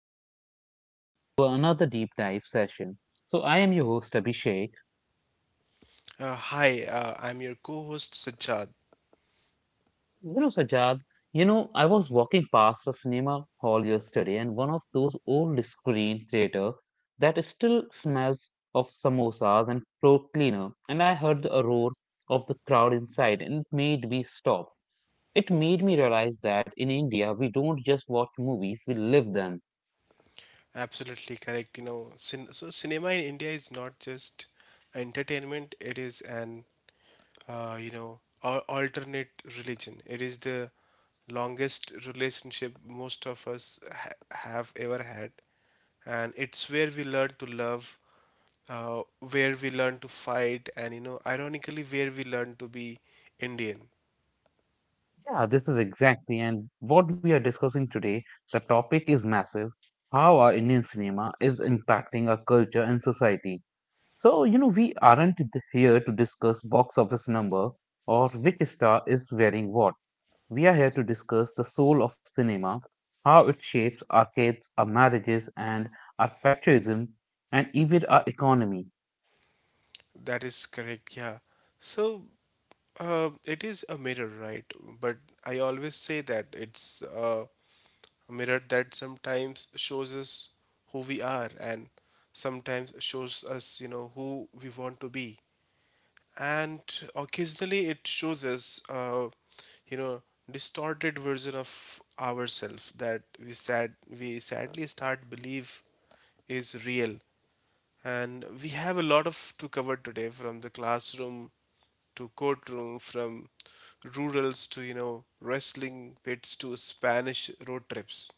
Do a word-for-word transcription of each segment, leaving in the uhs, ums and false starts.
You are tuning into another deep dive session. So, I am your host, Abhishek. Uh, hi, uh, I'm your co-host Sajjad. You know, Sajad, you know, I was walking past a cinema hall yesterday, and one of those old screen theater that still smells of samosas and floor cleaner. And I heard a roar of the crowd inside, and it made me stop. It made me realize that in India, we don't just watch movies, we live them. Absolutely correct. You know, cin- so cinema in India is not just entertainment; it is an uh, you know al- alternate religion. It is the longest relationship most of us ha- have ever had, and it's where we learn to love, uh, where we learn to fight, and you know, ironically, where we learn to be Indian. Yeah, this is exactly, and what we are discussing today, the topic is massive, how our Indian cinema is impacting our culture and society. So, you know, we aren't th- here to discuss box office number or which star is wearing what. We are here to discuss the soul of cinema, how it shapes our kids, our marriages, and our patriotism, and even our economy. That is correct, yeah. So, uh, it is a mirror, right? But I always say that it's uh, a mirror that sometimes shows us who we are and sometimes shows us, you know, who we want to be. And occasionally it shows us, uh, you know, distorted version of ourselves that we sad we sadly start believe is real. And we have a lot of to cover today from the classroom to courtroom, from rurals to, you know, wrestling pits to Spanish road trips.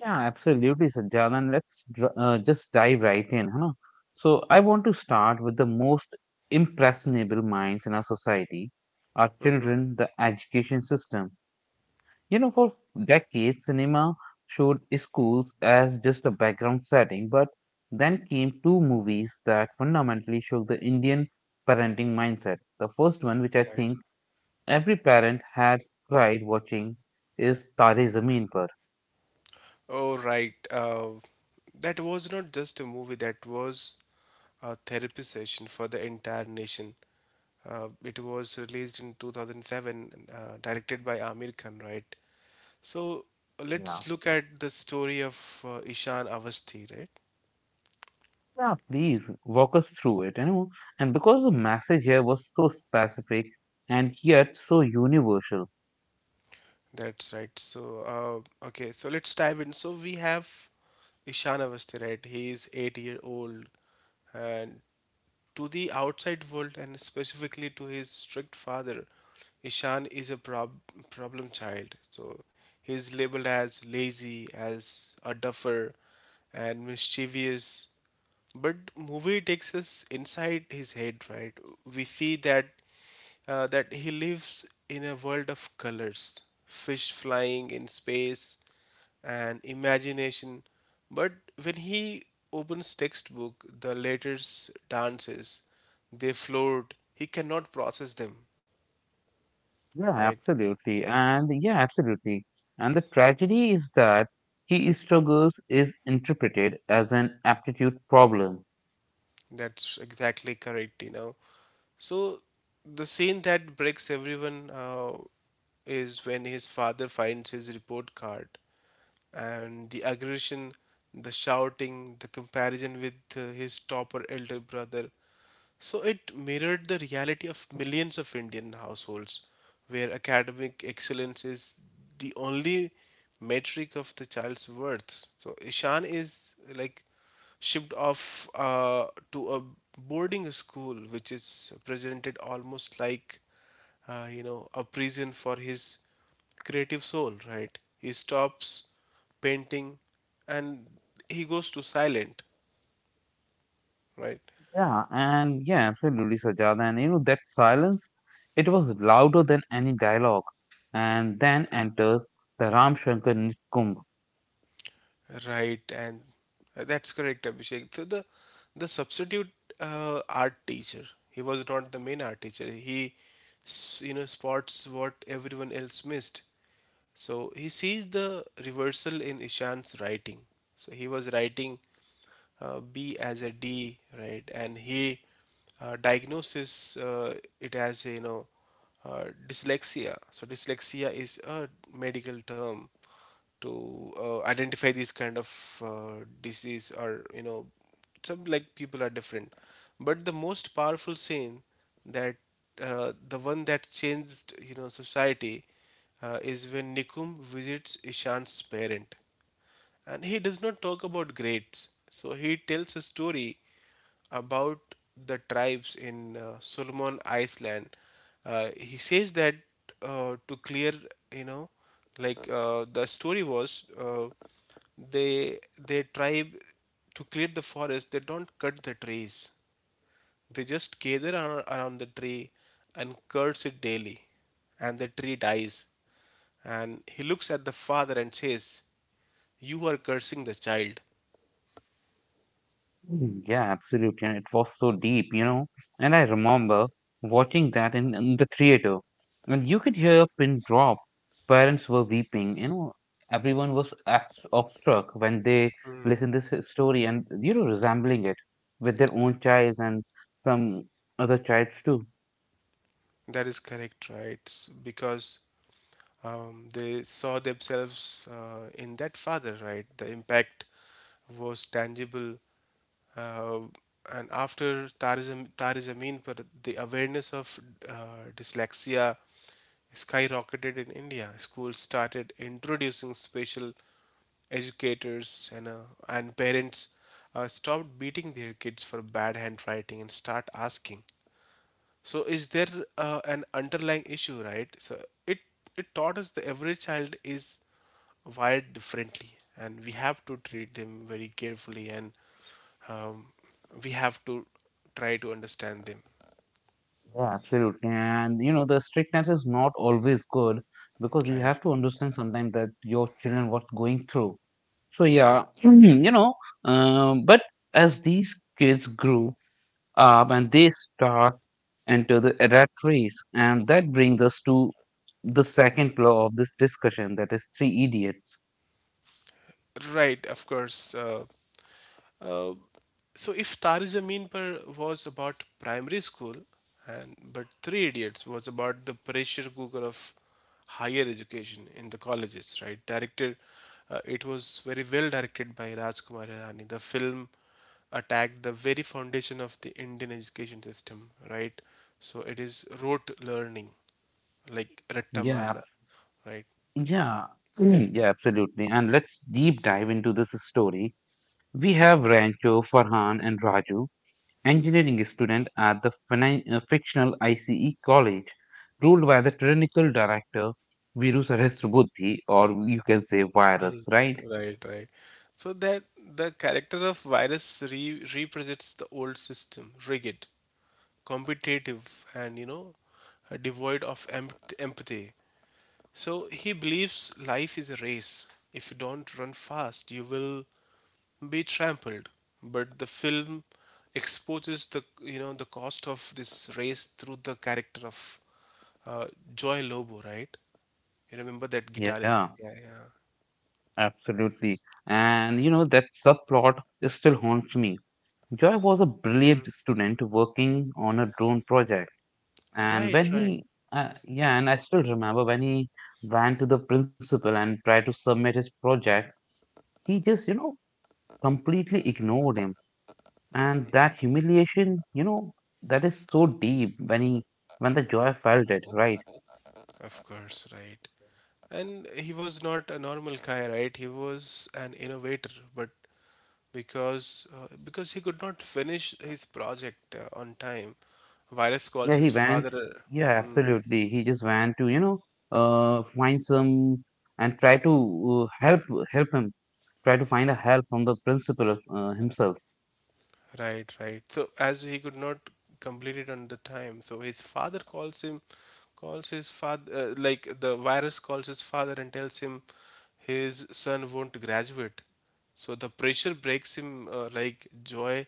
Yeah, absolutely, Sanjana. And let's dr- uh, just dive right in, huh? So, I want to start with the most impressionable minds in our society, our children, the education system. You know, for decades, cinema showed schools as just a background setting, but then came two movies that fundamentally shook the Indian parenting mindset. The first one, which I Right. think every parent has cried watching, is Tare Zameen Par. Oh, right. Uh, that was not just a movie, that was a therapy session for the entire nation. Uh, it was released in two thousand seven, uh, directed by Amir Khan, right? So let's look at the story of uh, Ishan Avasthi, right? Yeah, please walk us through it, you know. And because the message here was so specific and yet so universal. That's right. So, uh, okay, so let's dive in. So we have Ishan Avasti, right? He is eight year old, and to the outside world, and specifically to his strict father, Ishan is a prob- problem child. So he is labeled as lazy, as a duffer, and mischievous. But movie takes us inside his head, right? We see that uh, that he lives in a world of colors, fish flying in space, and imagination. But when he opens textbook, the letters dances, they float. He cannot process them, Yeah, right? absolutely. And yeah, absolutely. And the tragedy is that he struggles is interpreted as an aptitude problem. That's exactly correct, you know. So the scene that breaks everyone uh, is when his father finds his report card and the aggression, the shouting, the comparison with uh, his topper elder brother. So it mirrored the reality of millions of Indian households where academic excellence is the only metric of the child's worth. So Ishan is like shipped off uh, to a boarding school which is presented almost like uh, you know, a prison for his creative soul, right? He stops painting and he goes to silent, right? Yeah, and yeah, absolutely, Sajada. And you know, that silence, it was louder than any dialogue. And then enters the Ramshankar Nitkumb. Right, and uh, that's correct, Abhishek. So the the substitute uh, art teacher, he was not the main art teacher. He, s- you know, spots what everyone else missed. So he sees the reversal in Ishan's writing. So he was writing uh, B as a D, right? And he uh, diagnoses uh, it as a, you know uh, dyslexia. So dyslexia is a medical term to uh, identify these kind of uh, disease or you know some like people are different but the most powerful scene that uh, the one that changed you know society uh, is when nikum visits ishan's parent and he does not talk about grades. So he tells a story about the tribes in uh, Solomon Island. Uh, he says that uh, to clear, you know, like uh, the story was uh, they their tribe to clear the forest. They don't cut the trees. They just gather ar- around the tree and curse it daily, and the tree dies. And he looks at the father and says, you are cursing the child. Mm, yeah, absolutely. And it was so deep, you know. And I remember watching that in, in the theater, and you could hear a pin drop. Parents were weeping, you know. Everyone was abs- awestruck when they listened this s- story and, you know, resembling it with their own child and some other childs too. That is correct, right? S- Because um, they saw themselves uh, in that father, right? The impact was tangible. Uh, and after Tarizam, Tarizameen, but the awareness of uh, dyslexia skyrocketed in India. Schools started introducing special educators and uh, and parents uh, stopped beating their kids for bad handwriting and start asking so is there uh, an underlying issue, right? So it it taught us that every child is wired differently, and we have to treat them very carefully, and um, we have to try to understand them, Yeah, absolutely. And you know, the strictness is not always good because you right? have to understand sometimes that your children what's going through. So yeah, you know, um, but as these kids grew up and they start into the adult race, and that brings us to the second pillar of this discussion, that is three idiots. Right, of course. Uh, uh, So if Tari Zameen Par was about primary school, and but Three Idiots was about the pressure cooker of higher education in the colleges, right? Directed, uh, it was very well directed by Rajkumar Hirani. The film attacked the very foundation of the Indian education system, right? So it is rote learning, like Ratta Yeah, Marna, abs- right? yeah, mm, yeah, absolutely. And let's deep dive into this story. We have Rancho, Farhan, and Raju. Engineering student at the finan- uh, fictional I C E college, ruled by the tyrannical director Virus Buddhi, or you can say virus, right? Right, right. So that the character of virus re- represents the old system, rigid competitive and you know uh, devoid of emp- empathy so he believes life is a race if you don't run fast you will be trampled but the film exposes the you know the cost of this race through the character of uh, Joy Lobo right you remember that guitarist Yeah, guy yeah. absolutely. And you know, that subplot still haunts me. Joy was a brilliant student working on a drone project, and Right, when right. he uh, yeah, and I still remember when he went to the principal and tried to submit his project, he just, you know, completely ignored him. And that humiliation, you know, that is so deep when he, when the joy felt it, right? Of course, right. And he was not a normal guy, right? He was an innovator, but because uh, because he could not finish his project uh, on time, Virus calls Yeah, he his went. father. Yeah, Hmm. absolutely. He just went to, you know, uh, find some and try to uh, help help him. Try to find a help from the principal uh, himself. Right, right. So as he could not complete it on the time, so his father calls him, calls his father, uh, like the virus calls his father and tells him his son won't graduate. So the pressure breaks him. Uh, like Joy,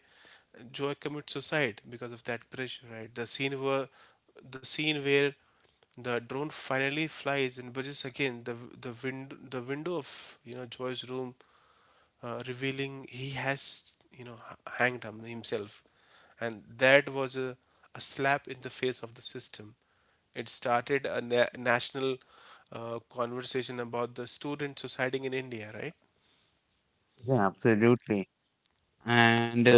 Joy commits suicide because of that pressure. Right. The scene where, the scene where the drone finally flies and budges again. The the wind the window of you know Joy's room uh, revealing he has, you know, h- hanged him himself. And that was a, a slap in the face of the system. It started a na- national uh, conversation about the students suiciding in India, right? Yeah, absolutely. And uh,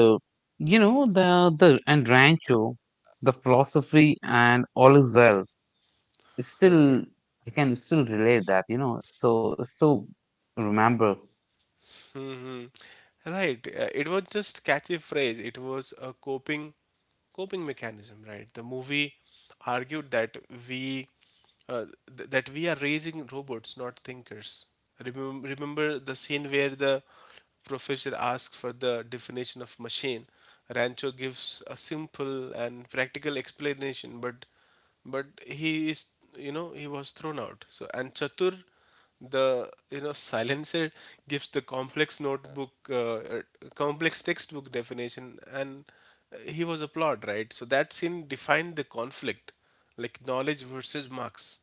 you know the the and Rancho, the philosophy and all is well. It's Right. still I can still relate that. You know, so so remember. Hmm. Right. Uh, It was just catchy phrase. It was a coping coping mechanism, right? The movie argued that we uh, th- that we are raising robots, not thinkers. Remem- remember the scene where the professor asks for the definition of machine. Rancho gives a simple and practical explanation, but but he is you know he was thrown out. So and Chatur the you know silencer gives the complex notebook uh, er, complex textbook definition and he was applauded right so that scene defined the conflict like knowledge versus marks.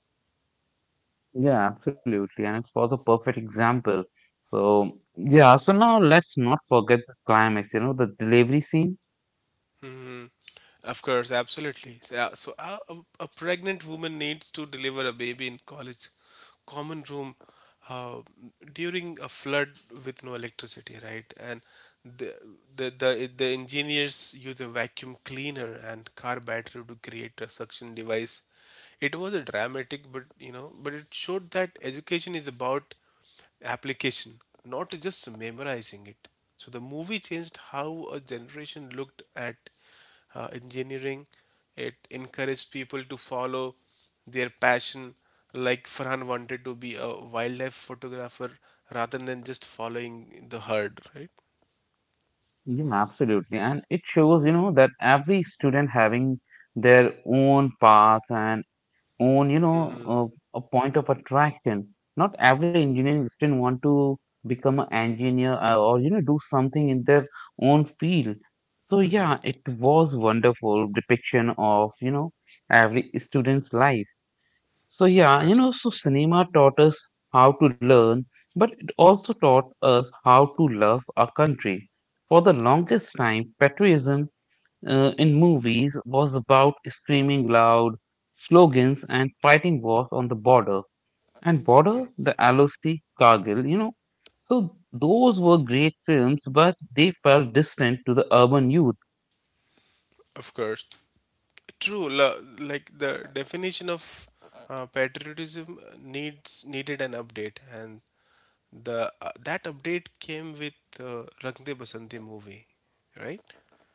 Yeah, absolutely. And it was a perfect example. So, yeah, so now let's not forget the climax, you know, the delivery scene. Of course, absolutely. So, yeah, so a, a a pregnant woman needs to deliver a baby in college common room uh, during a flood with no electricity, right? And the, the the the engineers use a vacuum cleaner and car battery to create a suction device. It was a dramatic, but you know, but it showed that education is about application, not just memorizing it. So the movie changed how a generation looked at uh, engineering. It encouraged people to follow their passion, like Farhan wanted to be a wildlife photographer rather than just following the herd, right? Yeah, absolutely. And it shows, you know, that every student having their own path and own, you know, uh, a point of attraction. Not every engineering student want to become an engineer uh, or, you know, do something in their own field. So, Hmm. yeah, it was wonderful depiction of, you know, every student's life. So Of yeah, you course, know, so cinema taught us how to learn, but it also taught us how to love our country. For the longest time, patriotism uh, in movies was about screaming loud slogans and fighting wars on the border. And border, the L O C, Kargil, you know, so those were great films, but they felt distant to the urban youth. of course. True, lo- like the definition of uh, patriotism needs needed an update, and the uh, that update came with uh, Rang De Basanti movie, right?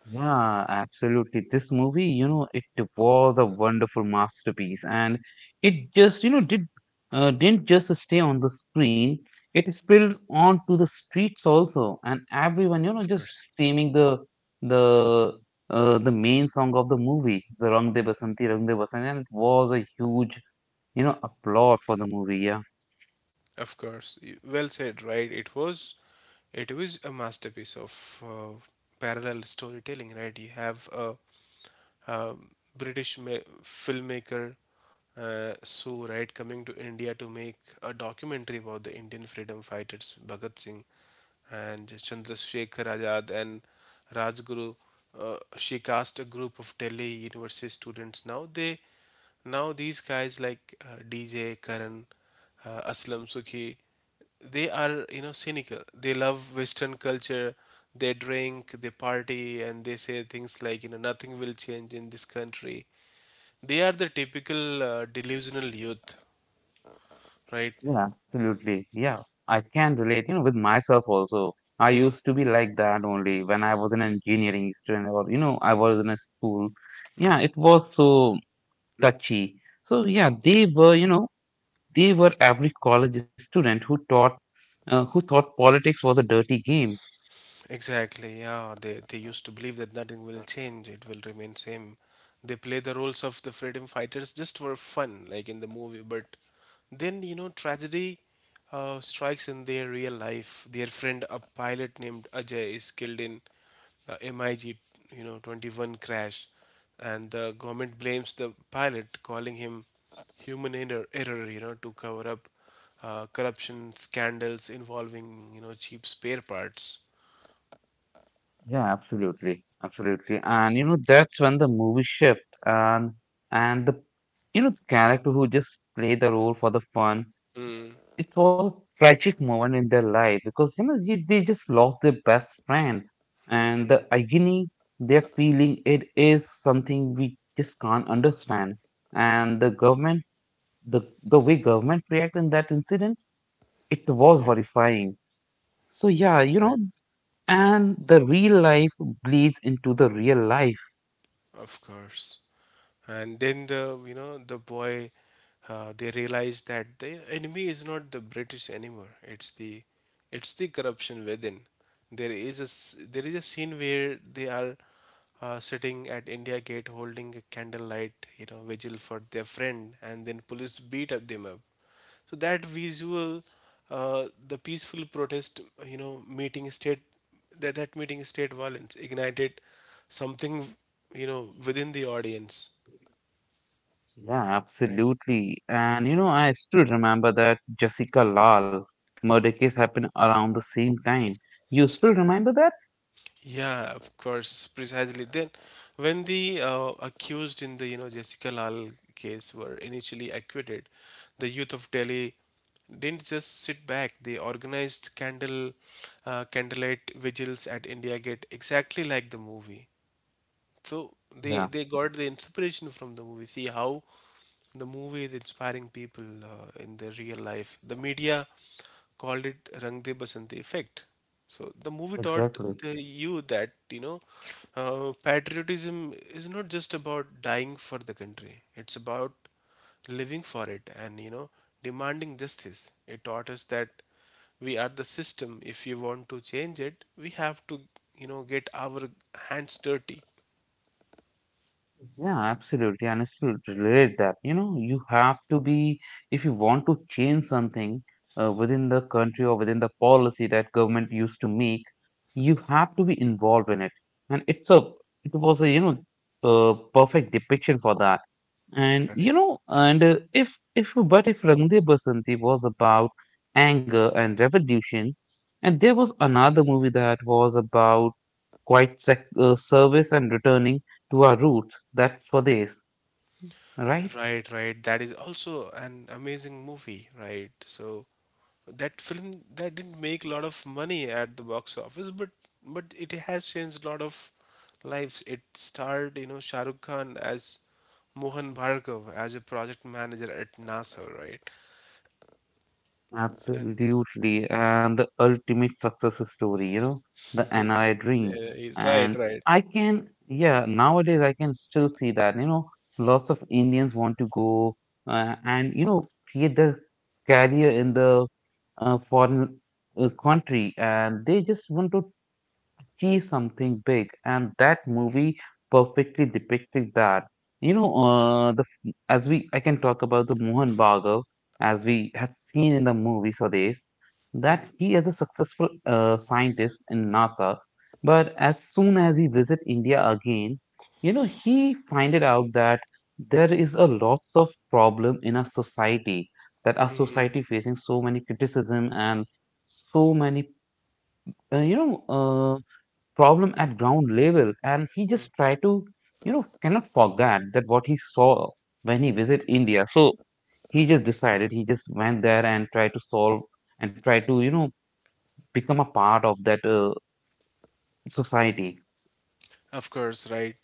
Yeah, absolutely. This movie, you know, it was a wonderful masterpiece, and it just, you know, did uh, didn't just stay on the screen. It spilled onto the streets also, and everyone, you know, Of just course. screaming the the uh, the main song of the movie, the Rang De Basanti, Rang De Basanti, and it was a huge, you know, applaud for the movie. Yeah. Of course, y- well said, right? It was, it was a masterpiece of uh, parallel storytelling, right? You have a uh, British filmmaker uh, Sue Wright coming to India to make a documentary about the Indian freedom fighters Bhagat Singh and Chandrasekhar Azad and Rajguru. Uh, she cast a group of Delhi University students. Now they, now these guys like uh, D J Karan, uh, Aslam Sukhi, they are you know cynical they love western culture they drink they party and they say things like you know nothing will change in this country they are the typical uh, delusional youth right. Yeah, absolutely. Yeah, I can relate, you know, with myself also. I used to be like that only when I was an engineering student or, you know, I was in a school. Yeah, it was so touchy. So, yeah, they were, you know, they were every college student who taught, uh, who thought politics was a dirty game. Exactly, yeah. They they used to believe that nothing will change, it will remain same. They play the roles of the freedom fighters just for fun, like in the movie, but then you know tragedy uh, strikes in their real life. Their friend, a pilot named Ajay, is killed in uh, MiG, you know, twenty-one crash, and the government blames the pilot, calling him human error, error you know, to cover up uh, corruption scandals involving you know cheap spare parts. Yeah, absolutely. Absolutely. And, you know, that's when the movie shift, and, and the, you know, the character who just played the role for the fun, it was a tragic moment in their life, because you know they, they just lost their best friend, and the agony they're feeling, it is something we just can't understand. And the government, the the way government react in that incident, it was Yeah. horrifying. So yeah, you know, Right. and the real life bleeds into the real life. Of course. And then the you know the boy uh, they realize that the enemy is not the british anymore it's the it's the corruption within there is a s- there is a scene where they are uh, sitting at india gate holding a candlelight you know vigil for their friend and then police beat up them up so that visual uh, the peaceful protest you know meeting state that that meeting state violence ignited something you know within the audience. Yeah, Right. absolutely. And you know, I still remember that Jessica Lal murder case happened around the same time. You still remember that? Yeah, of course, precisely. Then, when the uh, accused in the you know Jessica Lal case were initially acquitted, the youth of Delhi didn't just sit back. They organized candle uh, candlelight vigils at India Gate, exactly like the movie. So they Yeah, they got the inspiration from the movie. See how the movie is inspiring people uh, in their real life. The media called it Rang De Basante effect. So the movie taught exactly. the you that you know uh, patriotism is not just about dying for the country. It's about living for it and you know demanding justice. It taught us that we are the system. If you want to change it, we have to you know get our hands dirty. Yeah, absolutely. And I still relate that. You know, you have to be, if you want to change something uh, within the country or within the policy that government used to make, you have to be involved in it. And it's a, it was a, you know, a perfect depiction for that. And Correct. you know, and uh, if if but if Rang De Basanti was about anger and revolution, and there was another movie that was about quite sec- uh, service and returning to our roots, that's Swades, right? Right, right. That is also an amazing movie, right? So that film that didn't make a lot of money at the box office, but but it has changed a lot of lives. It starred, you know, Shah Rukh Khan as Mohan Bhargav as a project manager at NASA, right? And Absolutely. And the ultimate success story, you know, the N R I uh, dream. right, And right. I can, yeah, nowadays I can still see that, you know, lots of Indians want to go uh, and, you know, create their career in the uh, foreign uh, country, and they just want to achieve something big, and that movie perfectly depicted that. You know, uh, the f- as we, I can talk about the Mohan Bhargav, as we have seen in the movie Swades, that he is a successful uh, scientist in NASA, but as soon as he visit India again, you know, he find it out that there is a lots of problem in our society, that our society facing so many criticism and so many uh, you know uh, problem at ground level, and he just try to, you know, cannot forget that what he saw when he visit India. So he just decided, he just went there and tried to solve and try to, you know, become a part of that uh, society. Of course, right.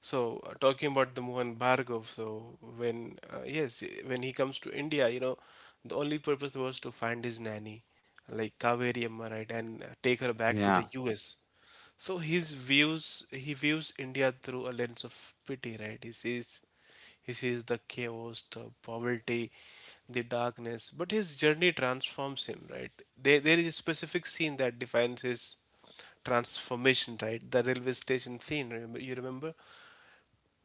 So uh, talking about the Mohan Bhargav, so when uh, yes, eh, when he comes to India, you know, the only purpose was to find his nanny, like Kaveri Amma, right, and uh, take her back to the Yeah, U S. So his views, he views India through a lens of pity, right? He sees, he sees the chaos, the poverty, the darkness, but his journey transforms him, right? There, there is a specific scene that defines his transformation, right? The railway station scene, remember, you remember?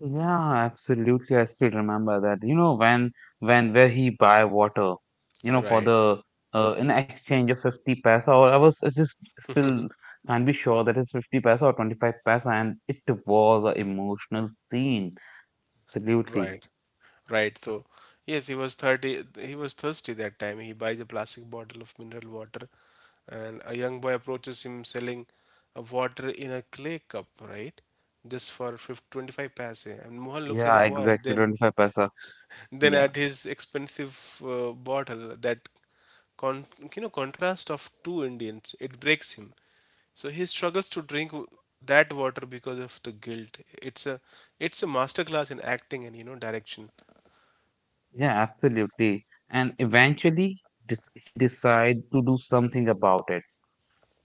yeah, absolutely. I still remember that. You know, when when where he buy water, you know, for Right, the uh, in exchange of fifty paisa, or I was I just still can't be sure that it's fifty paisa or twenty-five paisa, and it was an emotional scene. Absolutely. right, right. So, yes, he was thirty, he was thirsty that time. He buys a plastic bottle of mineral water, and a young boy approaches him selling a water in a clay cup, right? Just for fifty, twenty-five paise. And Mohan looks at the Yeah, boy, exactly. then twenty-five paisa. than Yeah, at his expensive uh, bottle. That con- you know contrast of two Indians it breaks him. So he struggles to drink w- that water because of the guilt. It's a it's a masterclass in acting and you know direction. yeah, absolutely. And eventually, dis he decide to do something about it.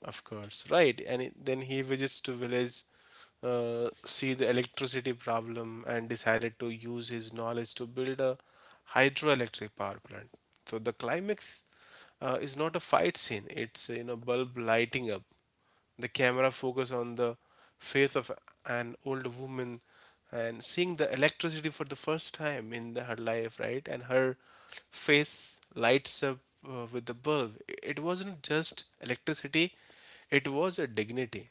Of course, right. And it- then he visits to village, uh, see the electricity problem, and decided to use his knowledge to build a hydroelectric power plant. So the climax uh, is not a fight scene; it's you know bulb lighting up. The camera focus on the face of an old woman and seeing the electricity for the first time in the- her life, right? And her face lights up uh, with the bulb. It wasn't just electricity, it was a dignity.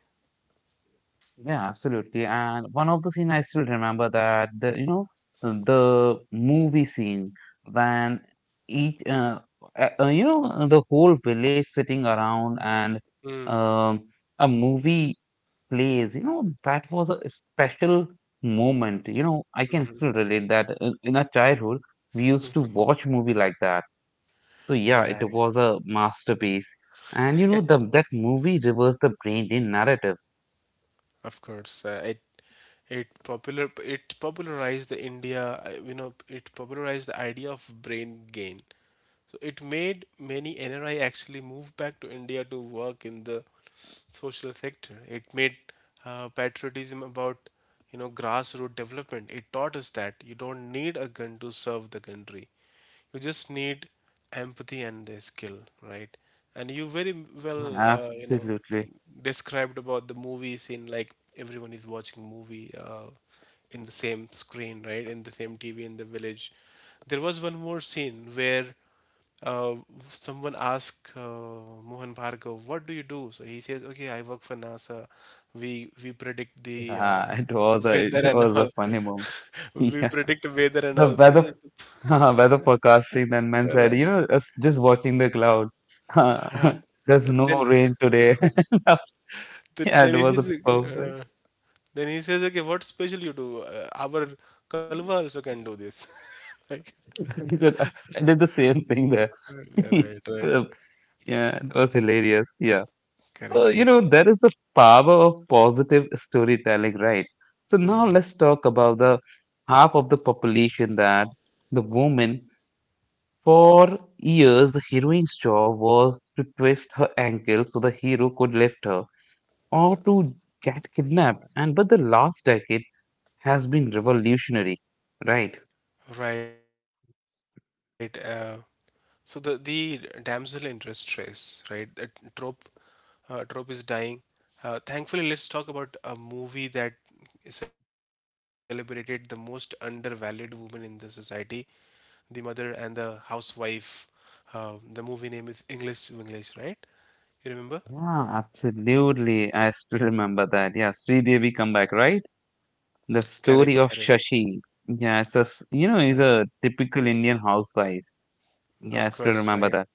Yeah, absolutely. And one of the scene I still remember that the you know the movie scene when each uh, uh, uh, you know the whole village sitting around and um, a movie plays. You know that was a special moment. You know I can still relate that in, in our childhood we used to watch movie like that. So yeah, it Right. was a masterpiece. And you know the that movie reversed the brain in narrative. Of course, uh, it it popular it popularized the India, uh, you know, it popularized the idea of brain gain. So it made many N R I actually move back to India to work in the social sector. It made uh, patriotism about you know grassroots development. It taught us that you don't need a gun to serve the country. You just need empathy and the skill, right? And you very well uh, you know Absolutely. described about the movies in like everyone is watching movie uh, in the same screen, right? In the same T V in the village. There was one more scene where uh, someone asked uh, Mohan Bhargav, "What do you do?" So he says, "Okay, I work for NASA. We we predict Yeah, the uh, it was a it weather and was a all. funny moment. We Yeah, predict weather and the all." weather weather forecasting. Then man said, you know, us just watching the cloud. There's no Then rain today. then Yeah, then it he was a says, perfect. uh, then he says, "Okay, what special you do? Uh, our Kalwa also can do this." Like, He said, I I did the same thing there. yeah, right, right, So, yeah, it was hilarious. Yeah. correct, So, you correct. know, that is the power of positive storytelling, right? So now let's talk about the half of the population, that the women. For years, the heroine's job was to twist her ankle so the hero could lift her, or to get kidnapped. And but the last decade has been revolutionary, right? Right. Uh, so the the damsel in distress, right? The trope, uh, trope is dying. Uh, thankfully, let's talk about a movie that celebrated the most undervalued woman in the society, the mother and the housewife. Uh, the movie name is English to English, right? You remember? Yeah, absolutely. I still remember that. Yeah, Sridevi comeback, right? The Correct, story of correct. Shashi. Yeah, it's a, s- you know, Right. he's a typical Indian housewife. Yeah, Of I still course, remember right. that.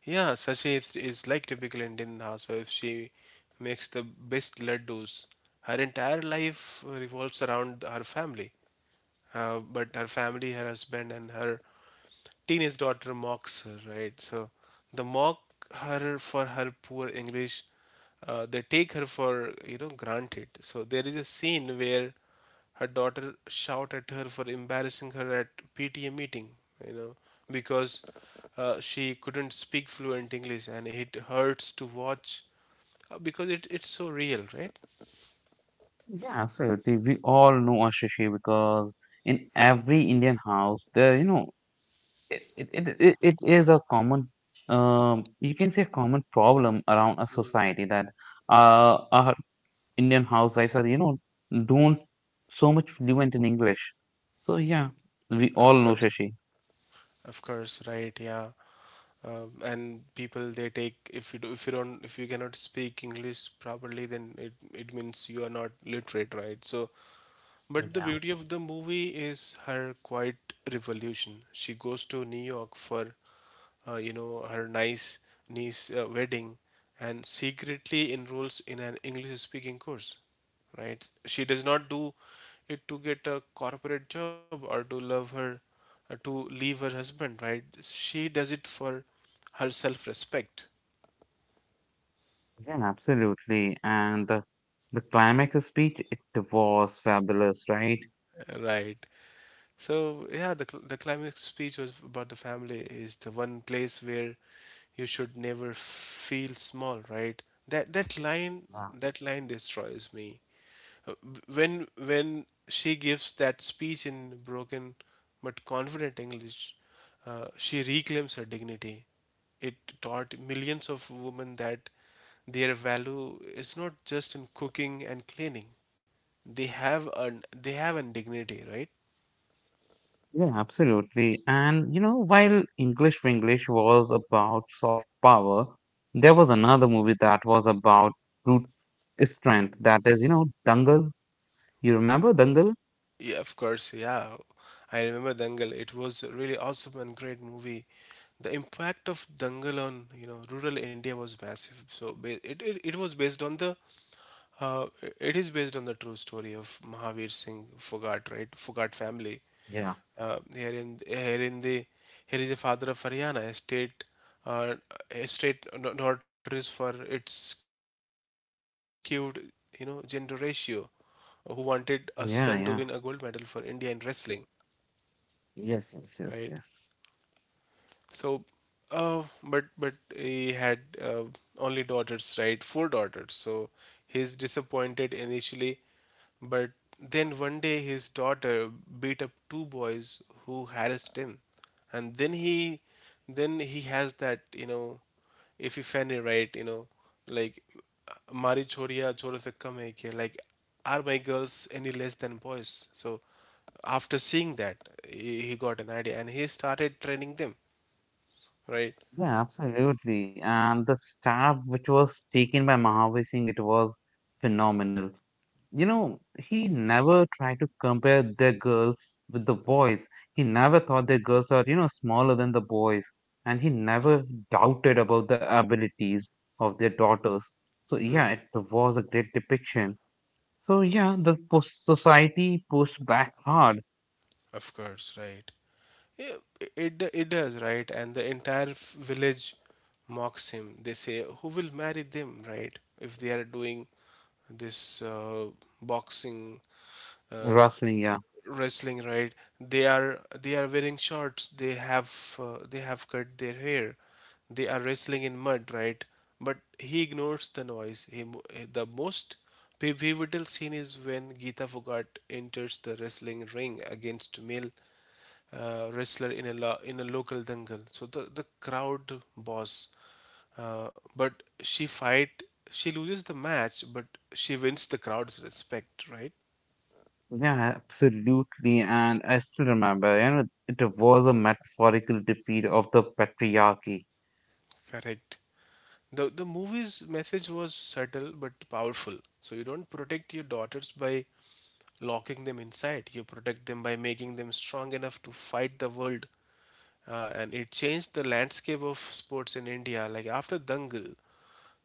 Yeah, Sashi is, is like typical Indian housewife. She makes the best laddus. Her entire life revolves around her family. Uh, but her family, her husband, and her teenage daughter mocks her, right? So they mock her for her poor English. Uh, they take her for you know granted. So there is a scene where her daughter shout at her for embarrassing her at P T A meeting, you know, because uh, she couldn't speak fluent English, and it hurts to watch uh, because it, it's so real, right? Yeah, absolutely. We all know a Shashi because in every Indian house, there, you know, it it, it, it it is a common um, you can say a common problem around a society that uh, our Indian housewives are, you know, don't so much fluent in English. So yeah, we all Of know course, Shashi. of course, right? Yeah. Uh, and people they take if you do if you don't if you cannot speak english properly then it, it means you are not literate, right? So but the Yeah, beauty of the movie is her quiet revolution. She goes to New York for, uh, you know, her nice niece uh, wedding, and secretly enrolls in an English-speaking course. Right? She does not do it to get a corporate job or to love her, uh, to leave her husband. Right? She does it for her self-respect. yeah, absolutely. And the the climax of speech it was fabulous, right? Right. So yeah, the cl- the climax speech was about the family is the one place where you should never feel small, right? That that line Yeah. that line destroys me. Uh, w- When when she gives that speech in broken but confident English, uh, she reclaims her dignity. It taught millions of women that their value is not just in cooking and cleaning. They have an they have an dignity, right? Yeah, absolutely. And you know, while English for English was about soft power, there was another movie that was about brut strength. That is, you know, Dangal. You remember Dangal? Yeah, of course. Yeah, I remember Dangal. It was a really awesome and great movie. The impact of Dangal on you know rural India was massive. So ba- it it, it was based on the uh, it is based on the true story of Mahavir Singh Fogart, right? Fogart family. Yeah. Uh, here in here in the here is a father of Haryana, a state uh, a state no- notorious for its skewed you know gender ratio, who wanted a son to win a gold medal Yeah, for yeah. India in wrestling, Yes, yes, right? yes, yes. So, uh, but but he had uh, only daughters, right? Four daughters. So he's disappointed initially, but then one day his daughter beat up two boys who harassed him, and then he then he has that, you know, if you fanny right, you know, like हमारी choriya छोरों se kam hai क्या, like are my girls any less than boys? So after seeing that, he, he got an idea and he started training them, right. Yeah, absolutely. And the stab which was taken by Mahavir Singh, it was phenomenal. You know, he never tried to compare their girls with the boys. He never thought their girls are, you know, smaller than the boys. And he never doubted about the abilities of their daughters. So, yeah, it was a great depiction. So yeah, the pos- society pushed back hard. Of course, right. Yeah, i- it it does, right. And the entire f- village mocks him. They say who will marry them, right, if they are doing this uh, boxing uh, Wrestling, yeah, wrestling, right? They are they are wearing shorts, they have uh, they have cut their hair, they are wrestling in mud, right? But he ignores the noise. He, mo- eh, the most piv- pivotal scene is when Geeta Fogart enters the wrestling ring against male uh, wrestler in a lo- in a local dangle. So the the crowd boss uh, but she fight, she loses the match but she wins the crowd's respect, right? yeah, absolutely. And I still remember, you know, it was a metaphorical defeat of the patriarchy. Correct. The the movie's message was subtle but powerful. So you don't protect your daughters by locking them inside. You protect them by making them strong enough to fight the world. Uh, and it changed the landscape of sports in India. Like after Dangal,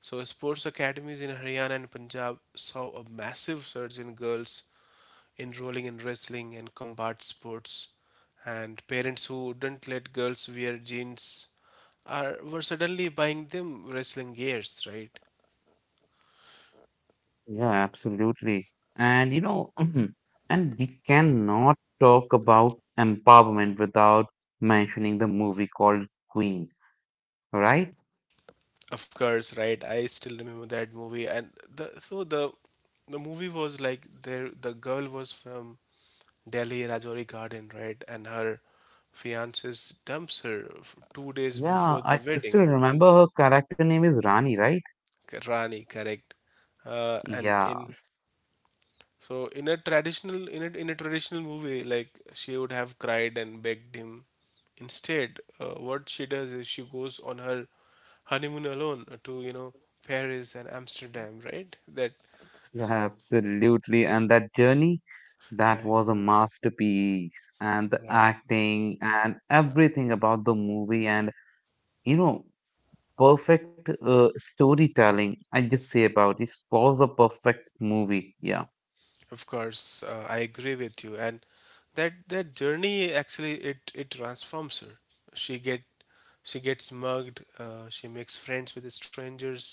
so sports academies in Haryana and Punjab saw a massive surge in girls enrolling in wrestling and combat sports, and parents who wouldn't let girls wear jeans are were suddenly buying them wrestling gears, right? Yeah, absolutely. And you know, and we cannot talk about empowerment without mentioning the movie called Queen, right? Of course, right. I still remember that movie, and the so the the movie was like there. The girl was from Delhi Rajouri Garden, right? And her fiance dumps her f- two days Yeah, before the I still wedding. remember her character name is Rani, right? K- Rani, correct. Uh, and Yeah. in so in a traditional in a, in a traditional movie, like she would have cried and begged him. Instead, uh, what she does is she goes on her honeymoon alone to you know Paris and Amsterdam, right? That Yeah, absolutely. And that journey, that like was a masterpiece. And the right. acting and everything about the movie and, you know, perfect uh, storytelling. I just say about it it was a perfect movie. Yeah. Of course, uh, I agree with you, and that that journey actually it it transforms her. She get she gets mugged. Uh, she makes friends with strangers,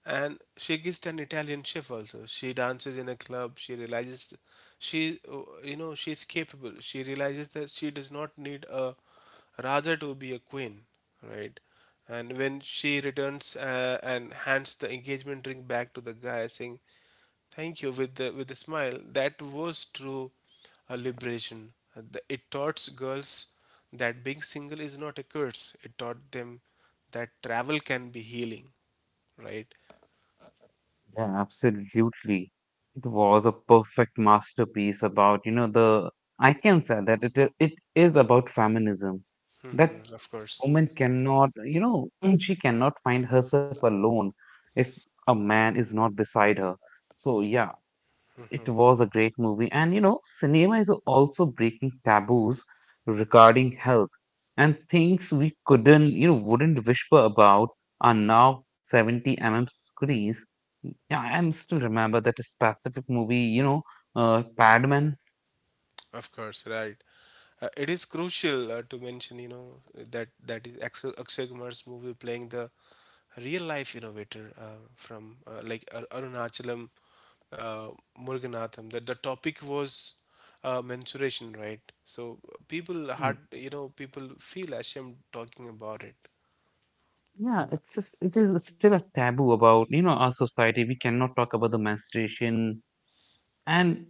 and she gets an Italian chef also. She dances in a club. She realizes th- she uh, you know she's capable. She realizes that she does not need a rather to be a queen, right? And when she returns uh, and hands the engagement ring back to the guy, saying, thank you with the with a smile. That was true a liberation. Uh, the- It taught girls that being single is not a curse. It taught them that travel can be healing, right? Yeah, absolutely. It was a perfect masterpiece about, you know, the I can say that it i- it is about feminism. That Of course. woman cannot, you know, she cannot find herself alone if a man is not beside her. So yeah, it was a great movie. And you know, cinema is also breaking taboos regarding health and things we couldn't, you know, wouldn't whisper about are now seventy m m screens. Yeah, I'm still remember that specific movie, you know, uh, Padman. Of course, right. Uh, it is crucial uh, to mention, you know, that that is Axel, Akshay Kumar's movie playing the real life innovator uh, from uh, like Ar- Arunachalam uh, Muruganathan. That the topic was uh, menstruation, right? So uh, people had, Mm. you know, people feel ashamed talking about it. Yeah, it's just, it is still a taboo about, you know, our society. We cannot talk about the menstruation, and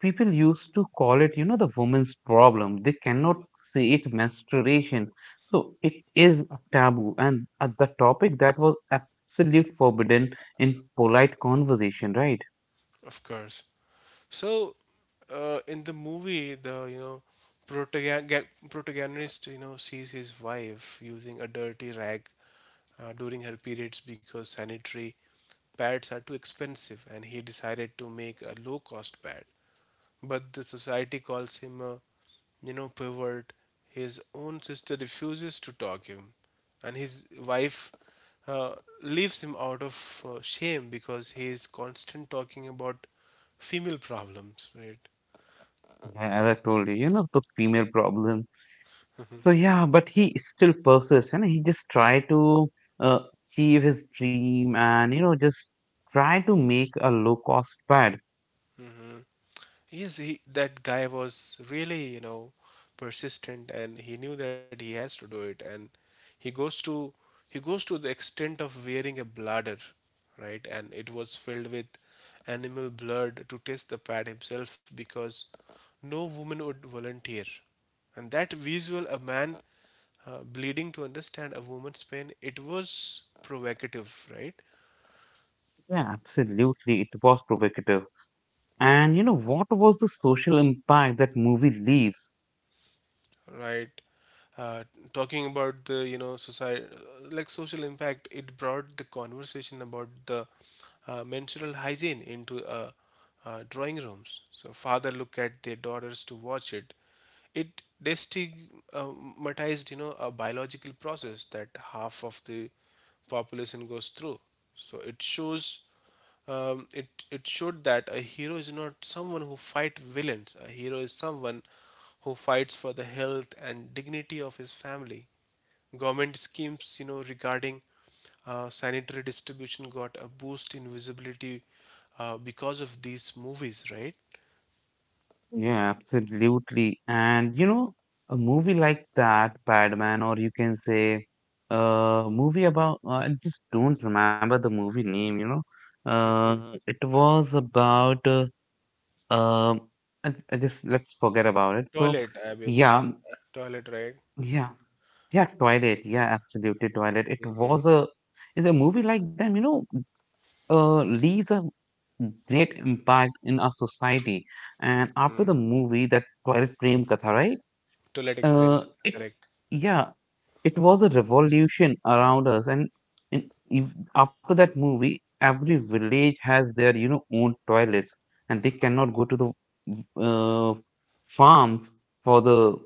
people used to call it, you know, the woman's problem. They cannot say it menstruation. So it is a taboo, and uh, the topic that was absolute forbidden in polite conversation, right? Of course. So, uh, in the movie, the you know protagon- protagonist you know sees his wife using a dirty rag uh, during her periods because sanitary pads are too expensive, and he decided to make a low-cost pad, but the society calls him a, you know, pervert. His own sister refuses to talk him, and his wife uh, leaves him out of uh, shame because he is constant talking about female problems, right? Yeah, as I told you, you know, the female problem. So yeah, but he still persists, you know, he just try to uh, achieve his dream and you know just try to make a low cost pad. Yes, he, that guy was really, you know, persistent and he knew that he has to do it. And he goes to he goes to the extent of wearing a bladder, right? And it was filled with animal blood to test the pad himself because no woman would volunteer. And that visual, a man uh, bleeding to understand a woman's pain, it was provocative, right? Yeah, absolutely. It was provocative. And you know, what was the social impact that movie leaves? Right? Uh, Talking about the you know society, like social impact, it brought the conversation about the uh, menstrual hygiene into uh, uh, drawing rooms. So father look at their daughters to watch it. It destigmatized, you know a biological process that half of the population goes through. So it shows, um, it it showed that a hero is not someone who fights villains. A hero is someone who fights for the health and dignity of his family. Government schemes, you know, regarding uh, sanitary distribution got a boost in visibility uh, because of these movies, right? Yeah, absolutely. And you know, a movie like that, Batman, or you can say a movie about, uh, I just don't remember the movie name, you know. Uh, it was about, uh, um, I, I just let's forget about it. So, Toilet, I mean, yeah, toilet, right? yeah, yeah, Twilight. Yeah, absolutely, Twilight. It was a, it's a movie like them, you know, uh, leaves a great impact in our society. And after the movie, that Twilight Prem Katha, right? Toilet ek prem, Uh, karta, it, correct. yeah, it was a revolution around us. And, and if, after that movie, every village has their, you know, own toilets, and they cannot go to the uh, farms for the,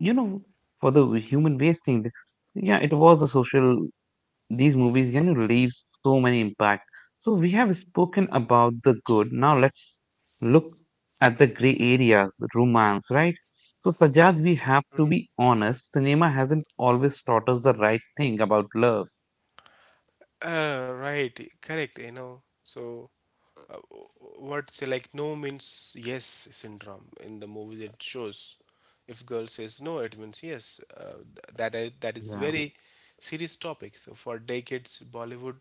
you know, for the human wasting. Yeah, it was a social. These movies you know leaves so many impact. So we have spoken about the good, now let's look at the gray areas, romance, right? So Sajad, we have to be honest, cinema hasn't always taught us the right thing about love. Uh, right, correct, you know. So, uh, what's like no means yes syndrome in the movie that shows. If girl says no, it means yes. Uh, th- that I- that is Yeah, very serious topic. So for decades, Bollywood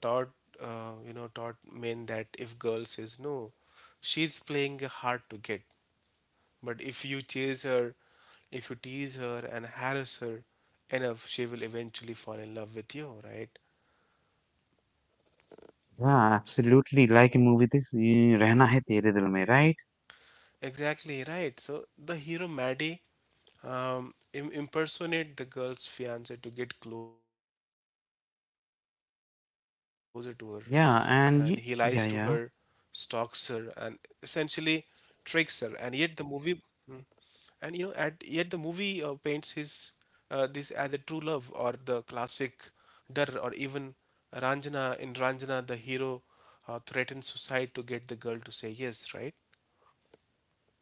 taught, uh, you know taught men that if girl says no, she's playing hard to get. But if you chase her, if you tease her and harass her enough, she will eventually fall in love with you, right? yeah, absolutely, like in movie this eh, Rehna Hai Tere Dil Mein, right? Exactly right. So the hero Maddie, um, Im- impersonate the girl's fiance to get closer to her, and he lies to her, stalks her, Yeah, and and y yeah, essentially yeah. tricks her. And yet the movie, and you know, at yet the movie uh, paints his, uh, this as a true love. Or the classic Dar, or even Ranjana. In Ranjana, the hero uh, threatens suicide to get the girl to say yes. Right.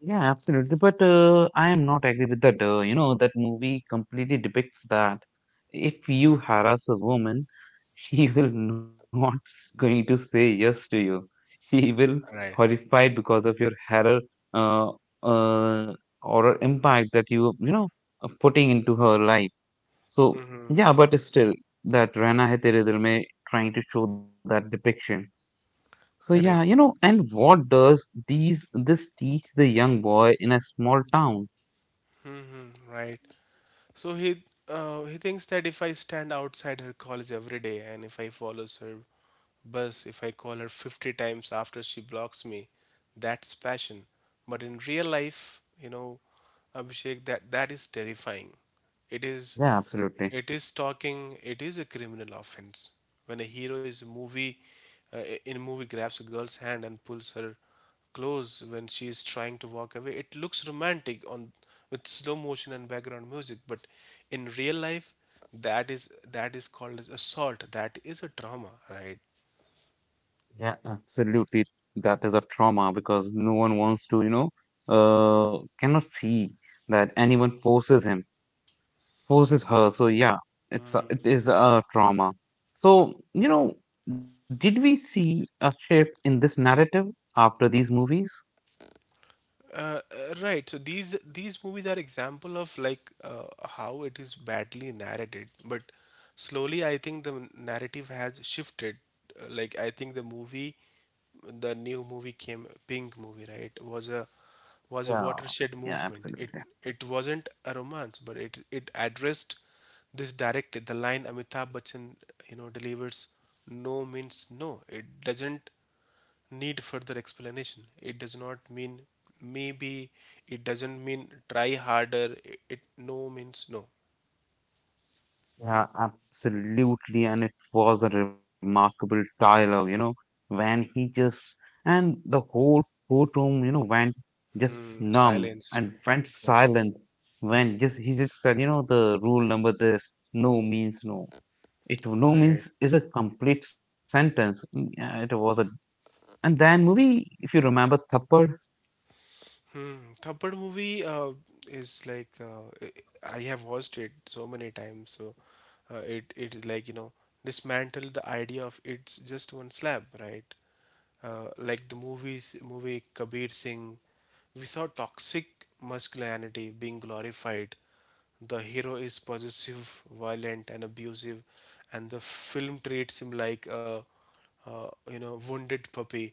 Yeah, absolutely. But uh, I am not agree with that. Uh, you know, that movie completely depicts that if you harass a woman, she will not going to say yes to you. She will Right. horrified because of your horror, uh, uh, or impact that you you know are putting into her life. So yeah, but still that Rana Hai Tere Dil Mein trying to show that depiction. So yeah, you know, Correct. and what does these this teach the young boy in a small town? Right. So he, uh, he thinks that if I stand outside her college every day and if I follow her bus, if I call her fifty times after she blocks me, that's passion. But in real life, you know, Abhishek, that that is terrifying. It is. Yeah, absolutely. It is stalking. It is a criminal offense. When a hero is a movie, uh, in a movie, grabs a girl's hand and pulls her close when she is trying to walk away, it looks romantic, on with slow motion and background music, but in real life, that is that is called as assault. That is a trauma, right? Yeah, absolutely. That is a trauma because no one wants to, you know, uh, cannot see that anyone forces him, forces her. So yeah, it's a, it is a trauma. So, you know, did we see a shift in this narrative after these movies? Uh, uh, right. So these these movies are example of, like, uh, how it is badly narrated, but slowly I think the narrative has shifted. Uh, like, I think the movie, the new movie came, Pink movie, right? Was a was a Yeah, watershed yeah, movement. It absolutely. it wasn't a romance, but it it addressed this directly. The line Amitabh Bachchan, you know, delivers: no means no. It doesn't need further explanation. It does not mean maybe, it doesn't mean try harder. It, it no means no. Yeah, absolutely. And it was a remarkable dialogue. You know, when he just, and the whole courtroom, you know, went just Hmm, numb silence, and right? went Exactly. silent when just he just said, you know, the rule number this, no means no. It no Right. means is a complete sentence. Mm, yeah, it was a, and then movie, if you remember Thappad, Hmm. Thappad movie, uh, is like, uh, I I have watched it so many times, so uh, it it is like, you know, dismantle the idea of it's just one slab, right? Uh, like the movies, movie Kabir Singh, we saw toxic masculinity being glorified. The hero is possessive, violent, and abusive, and the film treats him like a, uh, you know, wounded puppy.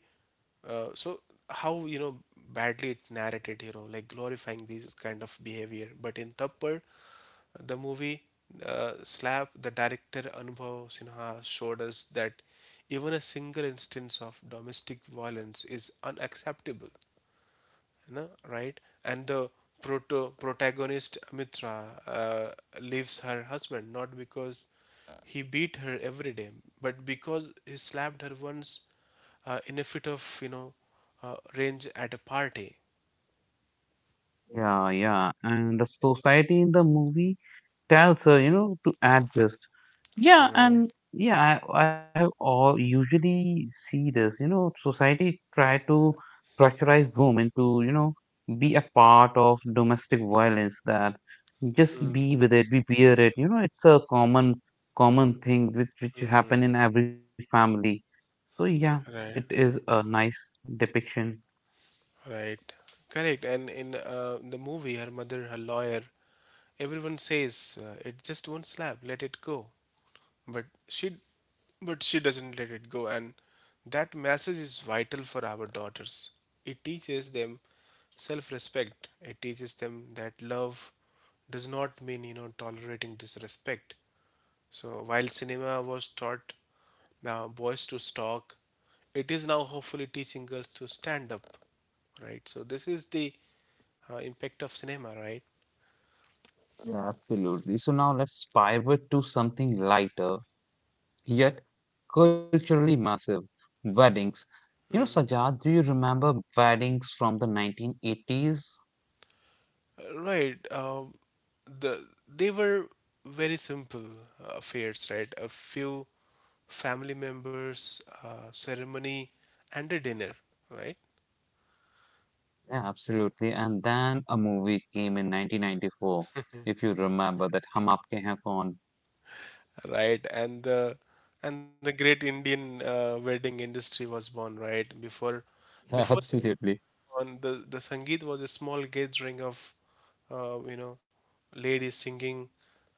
uh, So, how, you know, badly it narrated, you know, like glorifying these kind of behavior. But in Tappad, the movie, uh, Slap, the director Anubhav Sinha showed us that even a single instance of domestic violence is unacceptable, no, right? And the proto protagonist Mitra, uh, leaves her husband not because he beat her every day, but because he slapped her once uh, in a fit of, you know, uh, rage at a party. yeah, yeah. And the society in the movie tells her, you know, to add this. Yeah, Right. and yeah, I, I have all usually see this, you know, society try to pressurize women to, you know, be a part of domestic violence, that just be with it, be bear it. You know, it's a common common thing which which Mm, happen in every family. So yeah, it right. is a nice depiction. Right. Correct. And in, uh, the movie, her mother, her lawyer, everyone says, uh, it just won't slap. Let it go. But she, but she doesn't let it go. And that message is vital for our daughters. It teaches them self-respect. It teaches them that love does not mean, you know, tolerating disrespect. So while cinema was taught, now, boys to stalk, it is now hopefully teaching girls to stand up, right? So this is the, uh, impact of cinema, right? Yeah, absolutely. So now let's pivot to something lighter, yet culturally massive, weddings. You know, Sajad, do you remember weddings from the nineteen eighties? Uh, Right. Um, the they were very simple uh, affairs, right? A few family members, uh, ceremony, and a dinner, right? Absolutely. And then a movie came in nineteen ninety-four, if you remember that, Hum Aapke Hain Kaun. Right, and the, and the great Indian uh, wedding industry was born, right? Before, Yeah, before, absolutely. on, the the sangeet was a small gathering of, uh, you know, ladies singing,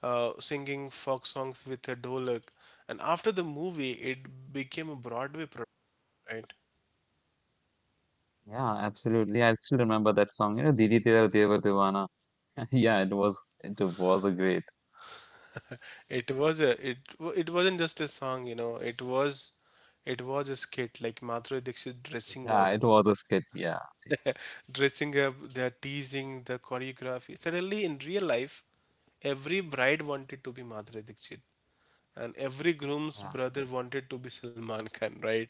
uh, singing folk songs with a dolak, and after the movie it became a broadway product, right? Yeah, absolutely. I still remember that song, you know, Didi Tera Deva Divana. Yeah, it was it was a great. It was a, it wa- it wasn't just a song, you know, it was, it was a skit, like Madhuri Dixit dressing Yeah, up, it was a skit. Yeah. dressing up, they're teasing the choreography. Suddenly in real life every bride wanted to be Madhuri Dixit, and every groom's Yeah. brother wanted to be Salman Khan, right?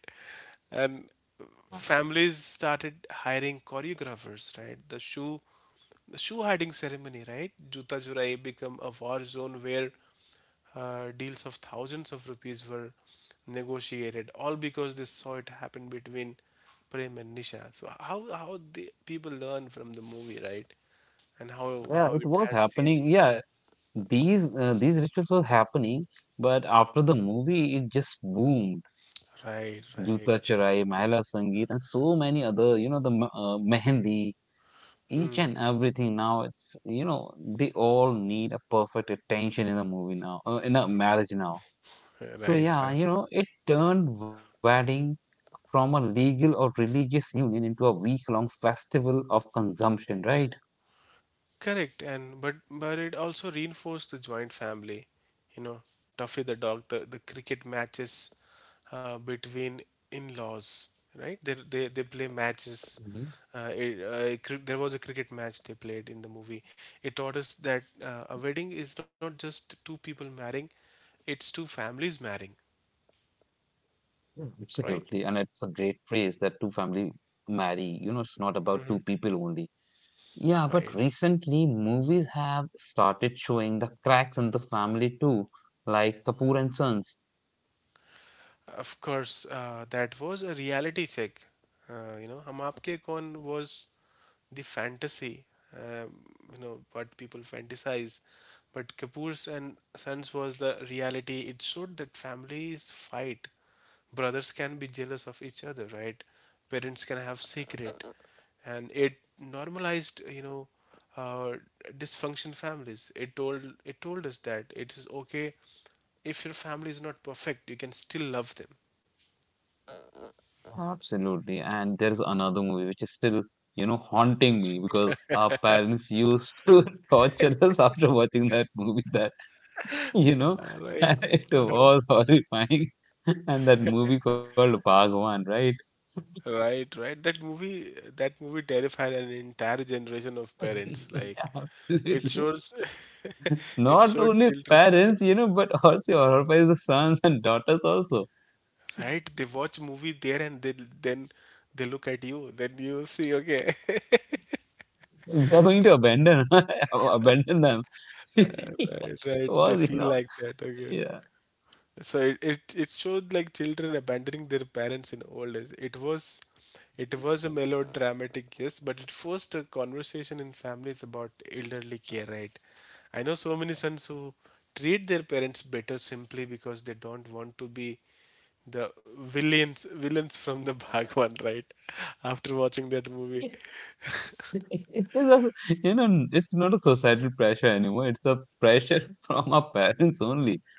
And Yeah, families started hiring choreographers, right? The shoe, the shoe hiding ceremony, right? Juta Churai become a war zone where, uh, deals of thousands of rupees were negotiated, all because they saw it happen between Prem and Nisha. So how how the people learn from the movie, right? And how yeah, how it it was has happening. changed. Yeah, these uh, these rituals were happening, but after the movie, it just boomed. Right, Juta right. Charai, Mahila Sangeet, and so many other, you know, the m- uh, Mehendi, Hmm. each and everything. Now it's, you know, they all need a perfect attention in a movie now, uh, in a marriage now. So Right, right. yeah, you know, it turned wedding from a legal or religious union into a week-long festival of consumption, right? Correct, and but but it also reinforced the joint family. You know, Tuffy the dog, the, the cricket matches, uh, between in-laws, right? They they they play matches. Uh, it, uh, cri- there was a cricket match they played in the movie. It taught us that, uh, a wedding is not just two people marrying; it's two families marrying, Mm. Absolutely, and right? it's a great phrase that two family marry. You know, it's not about two people only. Yeah, but Right. recently movies have started showing the cracks in the family too, like Kapoor and Sons. Of course, uh, that was a reality check. Uh, you know, हम आपके कौन was the fantasy, uh, you know, what people fantasize. But Kapoor's and Sons was the reality. It showed that families fight. Brothers can be jealous of each other, right? Parents can have secret. And it normalized, you know, uh, dysfunction families. It told it told us that it is okay if your family is not perfect, you can still love them. Absolutely, and there is another movie which is still, you know, haunting me because our parents used to torture us after watching that movie. That you Uh, know, Right. it was horrifying, and that movie called Bhagwan, right? Right, right. That movie, that movie terrified an entire generation of parents. Like, it Absolutely. shows, it Not showed only children. parents, you know, but also horrifies the sons and daughters also. Right, they watch movie there and they, then they look at you. Then you see, okay, They are going to abandon abandon them. It right, right. They was, you feel know, like that. Okay. yeah. So it, it, it showed like children abandoning their parents in old age. It was, it was a melodramatic, yes, but it forced a conversation in families about elderly care, right? I know so many sons who treat their parents better simply because they don't want to be the villains, villains from the Bhagwan, right? After watching that movie. It is a, you know, it's not a societal pressure anymore. It's a pressure from our parents only.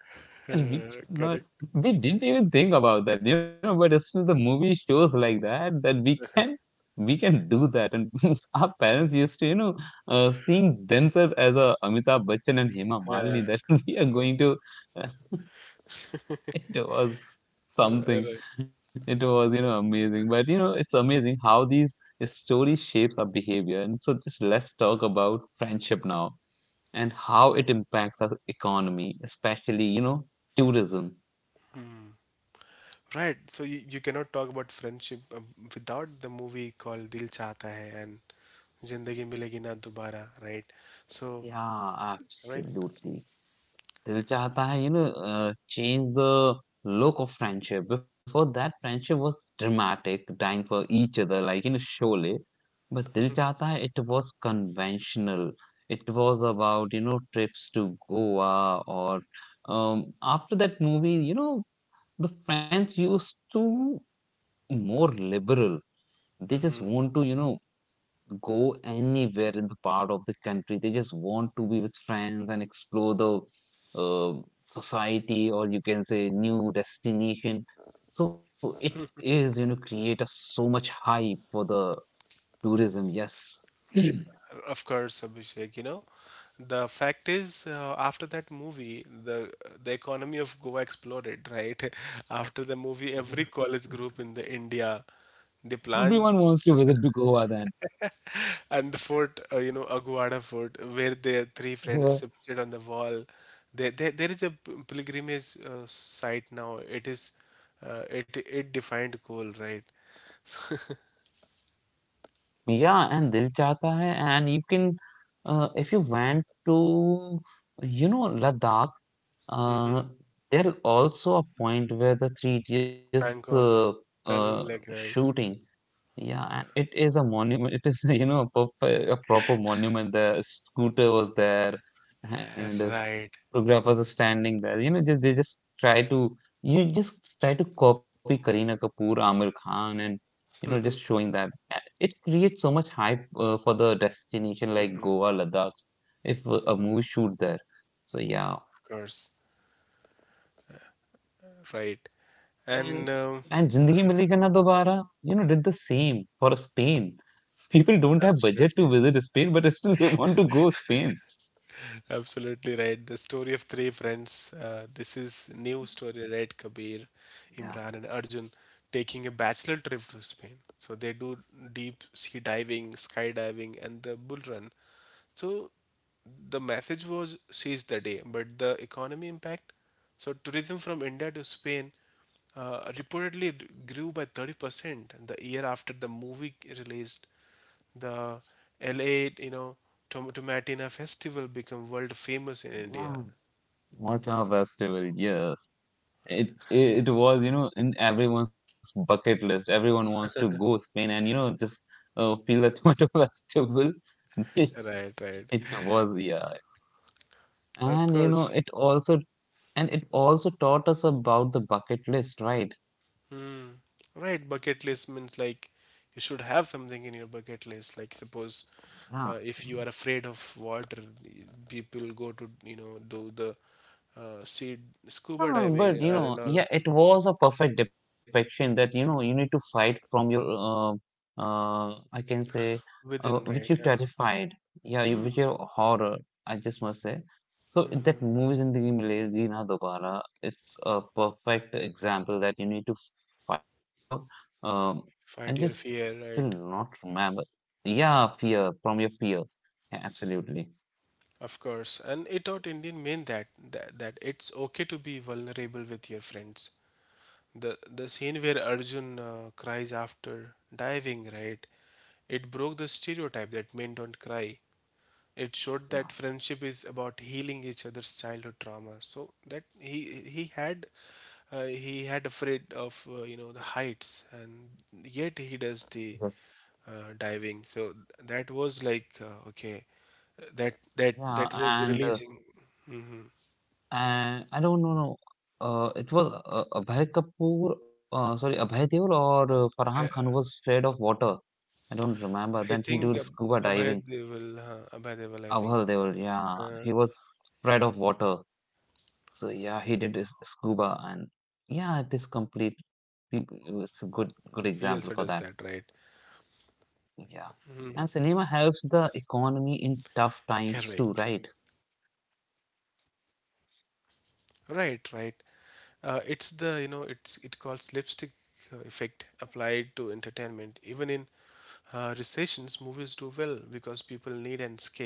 And Uh, we, Correct. no, we didn't even think about that, you know, but still the movie shows like that that we can we can do that. And our parents used to, you know, uh, seeing themselves as a Amitabh Bachchan and Hema Malini that we are going to it was Uh, something. Right. It was, you know, amazing. But you know, it's amazing how these story shapes our behavior. And so just let's talk about friendship now and how it impacts our economy, especially, you know, tourism. Right. So you, you cannot talk about friendship, um, without the movie called Dil Chahta Hai and Zindagi Milegi Na Dobara, right? So, Yeah, right? absolutely. Dil Chahta Hai, you know, uh, changed the look of friendship. Before that, friendship was dramatic, dying for each other, like in a Sholay. But Dil Chahta Hai, it was conventional. It was about, you know, trips to Goa or um, after that movie, you know, the friends used to more liberal. They just Hmm. want to, you know, go anywhere in the part of the country. They just want to be with friends and explore the um society, or you can say new destination. So it is, you know, create a so much hype for the tourism. Yes, everyone Of course, Abhishek, you know, the fact is, uh, after that movie, the the economy of Goa exploded, right? After the movie, every college group in the India, they planned. wants to visit to Goa then. And the fort, uh, you know, Aguada Fort, where their three Yeah. friends sit on the wall. There, there, there is a p- pilgrimage uh, site now. It is, uh, it, it defined goal, right? Yeah, and Dil Chahta Hai, and you can, uh, if you went to, you know, Ladakh. Uh, there is also a point where the Three Idiots uh, Pangong, uh, uh, Pangong Lake, right? shooting, yeah, and it is a monument. It is you know a, perfect, a proper monument. The scooter was there, and Right, photographers are standing there. You know, just, they just try to you just try to copy Kareena Kapoor, Amir Khan, and you know just showing that. And it creates so much hype uh, for the destination like Goa, Ladakh, if a a movie shoot there. So yeah. of course, right. And And um, and Zindagi Milegi Na Dobara, you know, did the same for Spain. People don't have budget absolutely. to visit Spain, but still they want to go Spain. Absolutely right. The story of three friends. Uh, this is new story, right? Kabir, Yeah, Imran, and Arjun, taking a bachelor trip to Spain. So they do deep sea diving, skydiving, and the bull run. So the message was seize the day, but the economy impact. So tourism from India to Spain uh, reportedly d- grew by thirty percent the year after the movie released. The LA, you know, Tom- Tomatina festival became world famous in yeah. India. Mortal Festival, yes. It it it was, you know, in everyone's bucket list. Everyone wants to go Spain and you know just uh, feel that Mortal Festival. It, Right, right. it was, yeah. Of And you course. know, it also and it also taught us about the bucket list, right? Hmm. Right, bucket list means like you should have something in your bucket list. Like suppose Yeah. uh, if you are afraid of water, the- people go to, you know, do the, uh, sea scuba Ah, diving but you or know, and all yeah, it was a perfect depiction that you know you need to fight from your uh, uh, I can say uh, within, which you right? Yeah. terrified, yeah, you- Hmm. which your horror, I just must say. So Hmm. that movie Zindagi Milegi Na Dobara, it's a perfect example that you need to fight from your um, I just Fight your fear, still right? not remember. Yeah, fear from your fear. Yeah, absolutely. Of course. And it taught Indian men that, that that it's okay to be vulnerable with your friends. The the scene where Arjun uh, cries after diving, right? It broke the stereotype that men don't cry. It showed Yeah, that friendship is about healing each other's childhood trauma. So that, he he had, uh, he had afraid of, uh, you know, the heights, and yet he does the, because uh, diving. So that was like, uh, okay, that that that yeah, was and uh, releasing. and I don't know. No, Uh, it was uh, Abhay Kapoor, uh, sorry, Abhay Deol or uh, I, Farhan Khan who was scared of water. I don't remember. I Then he think did Ab- scuba Abhay diving. Deval, uh, Abhay Deval, I think, Abhay Deol, yeah, uh, he was afraid of water. So yeah, he did his scuba, and he yeah, also it does is that, complete. right? It's a good good example for that. Yeah, and cinema helps the Correct. economy in tough times too, right? Right, right. Uh, it's the, you know, it's, it calls lipstick, uh, effect applied to entertainment. Even in uh, recessions, movies do well because people need an escape.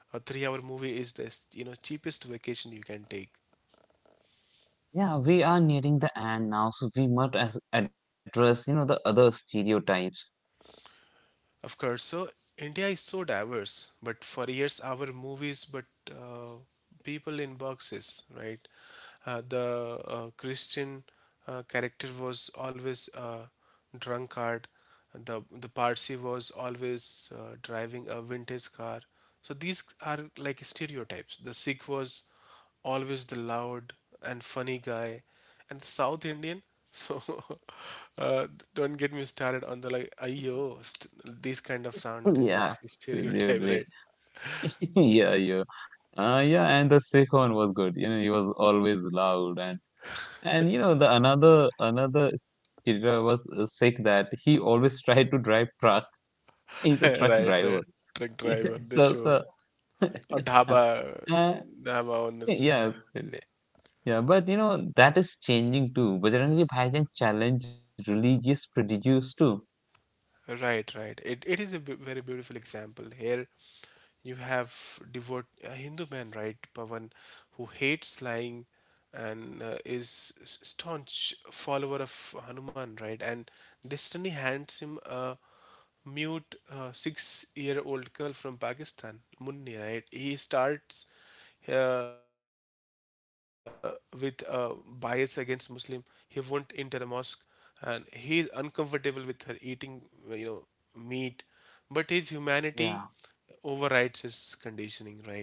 A three-hour movie is the, you know, cheapest vacation you can take. Yeah, we are nearing the end now, so we must as- address you know the other stereotypes. Of course. So India is so diverse, but for years our movies, but uh, people in boxes, right? Uh, the uh, Christian uh, character was always a drunkard. The the Parsi was always uh, driving a vintage car. So these are like stereotypes. The Sikh was always the loud and funny guy and the South Indian. So uh, don't get me started on the like ayo st- these kind of sound they make Yeah, stereotype, right? absolutely. yeah, yeah, uh, yeah. And the Sikh one was good. You know, he was always loud and and you know the another another skater was uh, sick that he always tried to drive truck. He's a truck right, driver. right. Truck driver the So show, so or yeah, dhaba, uh, dhaba owner. yeah, absolutely. Yeah, but you know that is changing too. Bajrangi Bhaijaan challenged religious prejudice too. Right, right. It, it is a b- very beautiful example. Here you have devout a Hindu man, right, Pavan, who hates lying and uh, is s- staunch follower of Hanuman, right? And destiny hands him a mute uh, six-year-old girl from Pakistan, Munni, right? He starts uh, with a bias against Muslim. He won't enter a mosque, and he is uncomfortable with her eating, uh, you know, meat. But his humanity Yeah. overrides his conditioning, right?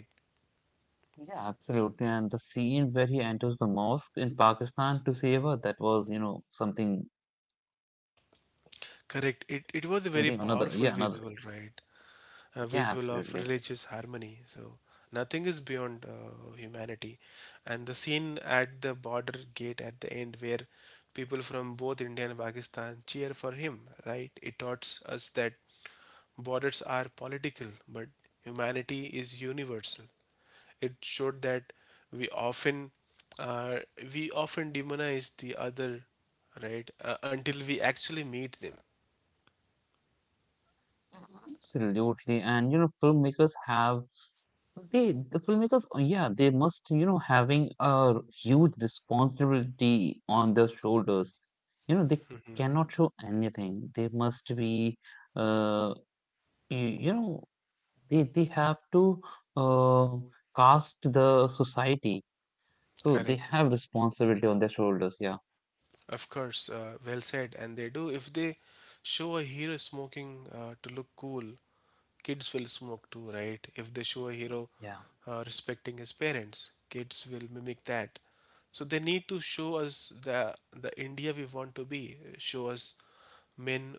Yeah, absolutely. And the scene where he enters the mosque in Pakistan to save her, that was, you know, something, Correct. It it was a something very another, yeah, powerful another. visual, right? A Yeah, visual of absolutely. religious harmony. So nothing is beyond uh, humanity. And the scene at the border gate at the end, where people from both India and Pakistan cheer for him, right? It taught us that borders are political, but humanity is universal. It showed that we often uh, we often demonize the other, right? Uh, until we actually meet them. Absolutely. And you know, filmmakers have they the filmmakers uh, yeah, they must, you know, having a huge responsibility on their shoulders. You know, they cannot show anything. They must be uh y- you know, they they have to uh cast the society. So Correct. they have responsibility on their shoulders, yeah. Of course, uh, well said. And they do. If they show a hero smoking uh, to look cool, kids will smoke too, right? If they show a hero Yeah. uh, respecting his parents, kids will mimic that. So they need to show us the the India we want to be. Show us men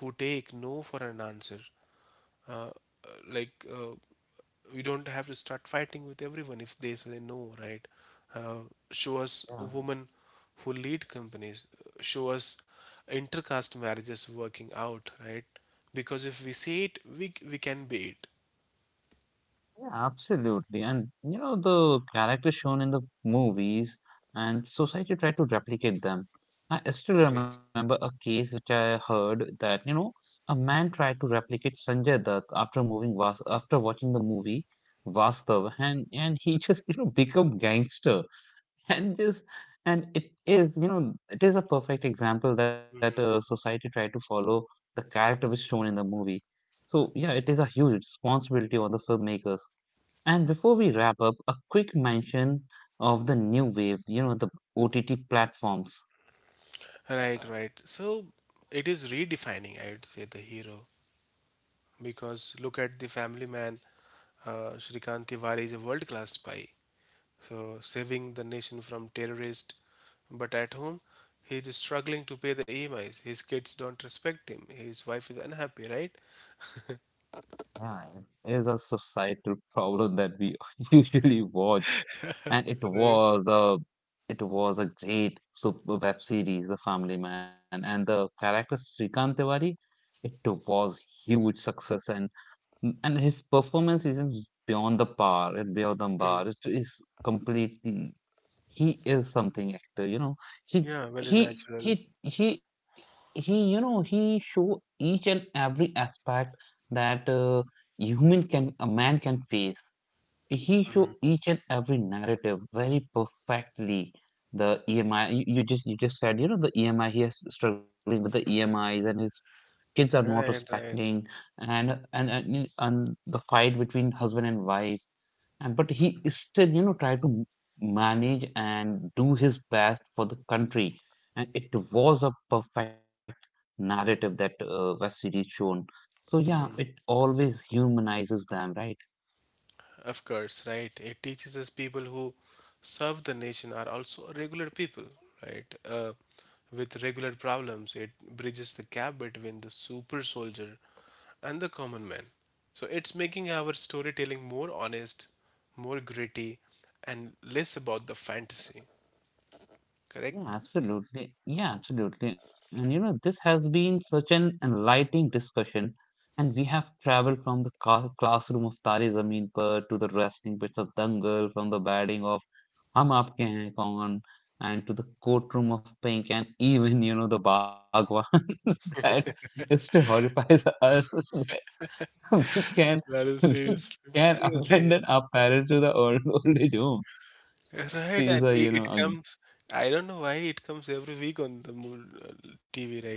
who take no for an answer, uh, like uh, we don't have to start fighting with everyone if they say no, right? uh, Show us Yeah. women who lead companies, uh, show us intercaste marriages working out, right? Because if we see it, we, we can be it. Yeah, absolutely. And you know, the characters shown in the movies and society tried to replicate them. I still Correct. remember a case which I heard that, you know, a man tried to replicate Sanjay Dutt after moving Vas after watching the movie Vastav and and he just, you know, become gangster and just and it is, you know, it is a perfect example that uh, Mm. society tried to follow the character which shown in the movie. So yeah, it is a huge responsibility on the filmmakers. And before we wrap up, a quick mention of the new wave, you know, the O T T platforms. Right, right. So it is redefining, I would say, the hero because look at the family man. Uh, Shrikant Tiwari is a world class spy. So, saving the nation from terrorists, but at home, he is struggling to pay the E M Is. His kids don't respect him. His wife is unhappy, right? Yeah, it is a societal problem that we usually watch. And it Right? was a it was a great super web series, The Family Man, and the character Srikant Tiwari, it was huge success and and his performance is beyond the par, beyond the bar. Hmm. It is completely he is something actor you know he Yeah, very he natural. he he he you know he show each and every aspect that uh, human can a man can face he Hmm. show each and every narrative very perfectly the emi you, you just you just said you know the emi he is struggling with the emis and his kids are not Right, right. respecting and and and, and the fight between husband and wife and but he is still, you know, try to m- manage and do his best for the country. And it was a perfect narrative that uh, web series shown. So yeah, it Hmm. always humanizes them, right? Of course, right. It teaches us people who serve the nation are also regular people, right? Uh, with regular problems, it bridges the gap between the super soldier and the common man. So it's making our storytelling more honest, more gritty, and less about the fantasy, correct? Yeah, absolutely. Yeah, absolutely. And you know, this has been such an enlightening discussion. And we have traveled from the ca- classroom of Tari Zameen Par to the wrestling pits of Dangal, from the batting of Hum Aapke Hain Kaun, and to the courtroom of Pink, and even, you know, the Bhagwan that still horrifies us. We can, That is we seriously, can abandon seriously, our parents to the old, old age homes. It right? is And a, you it, know, it a comes. I don't know why it comes every week on the mo- uh, T V, right?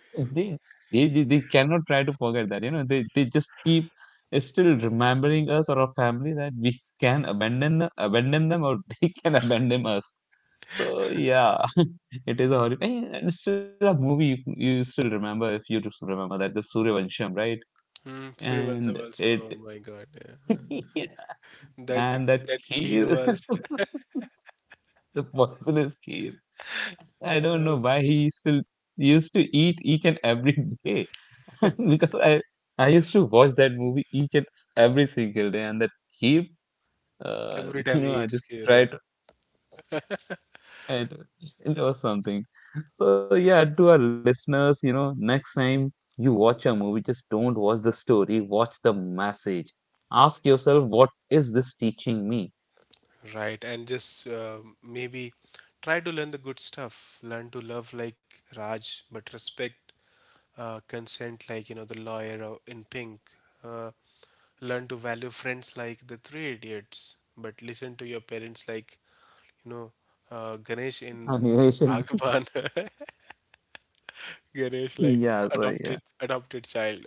They, they they they cannot try to forget that. You know, they they just keep still remembering us or our family that we can abandon them, abandon them, or they can abandon us. So yeah, it is a horrible. And it's still a movie you, you still remember if you just remember that the Suryavansham, right? Hmm, Surivansham And also. it Oh my God, yeah. That and that that kheer kid, was, the poisonous kid. I don't uh, know why he still used to eat each and every day. because I I used to watch that movie each and every single day, and that heap, uh, every you time know, he I eats just kheer, right? tried to it, it was something. So yeah, to our listeners, you know, next time you watch a movie, just don't watch the story, watch the message. Ask yourself, what is this teaching me? Right, and just uh, maybe try to learn the good stuff. Learn to love like Raj, but respect uh, consent like you know the lawyer o- in Pink. Uh, Learn to value friends like the Three Idiots, but listen to your parents like you know uh, Ganesh in Animation. Bhagwan. Ganesh like yeah, so adopted adopted child.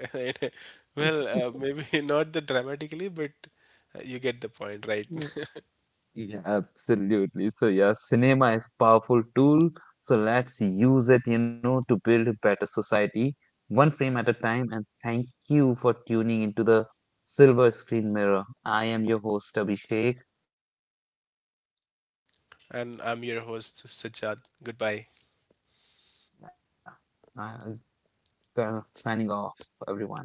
well, yeah. uh, maybe not the dramatically, but uh, you get the point, right? Yeah, absolutely. So yeah, cinema is powerful tool. So let's use it, you know, to build a better society, one frame at a time. And thank you for tuning into the Silver Screen Mirror. I am your host, Abhishek. And I'm your host, Sajjad. Goodbye. Yeah, I'm uh, signing off, everyone.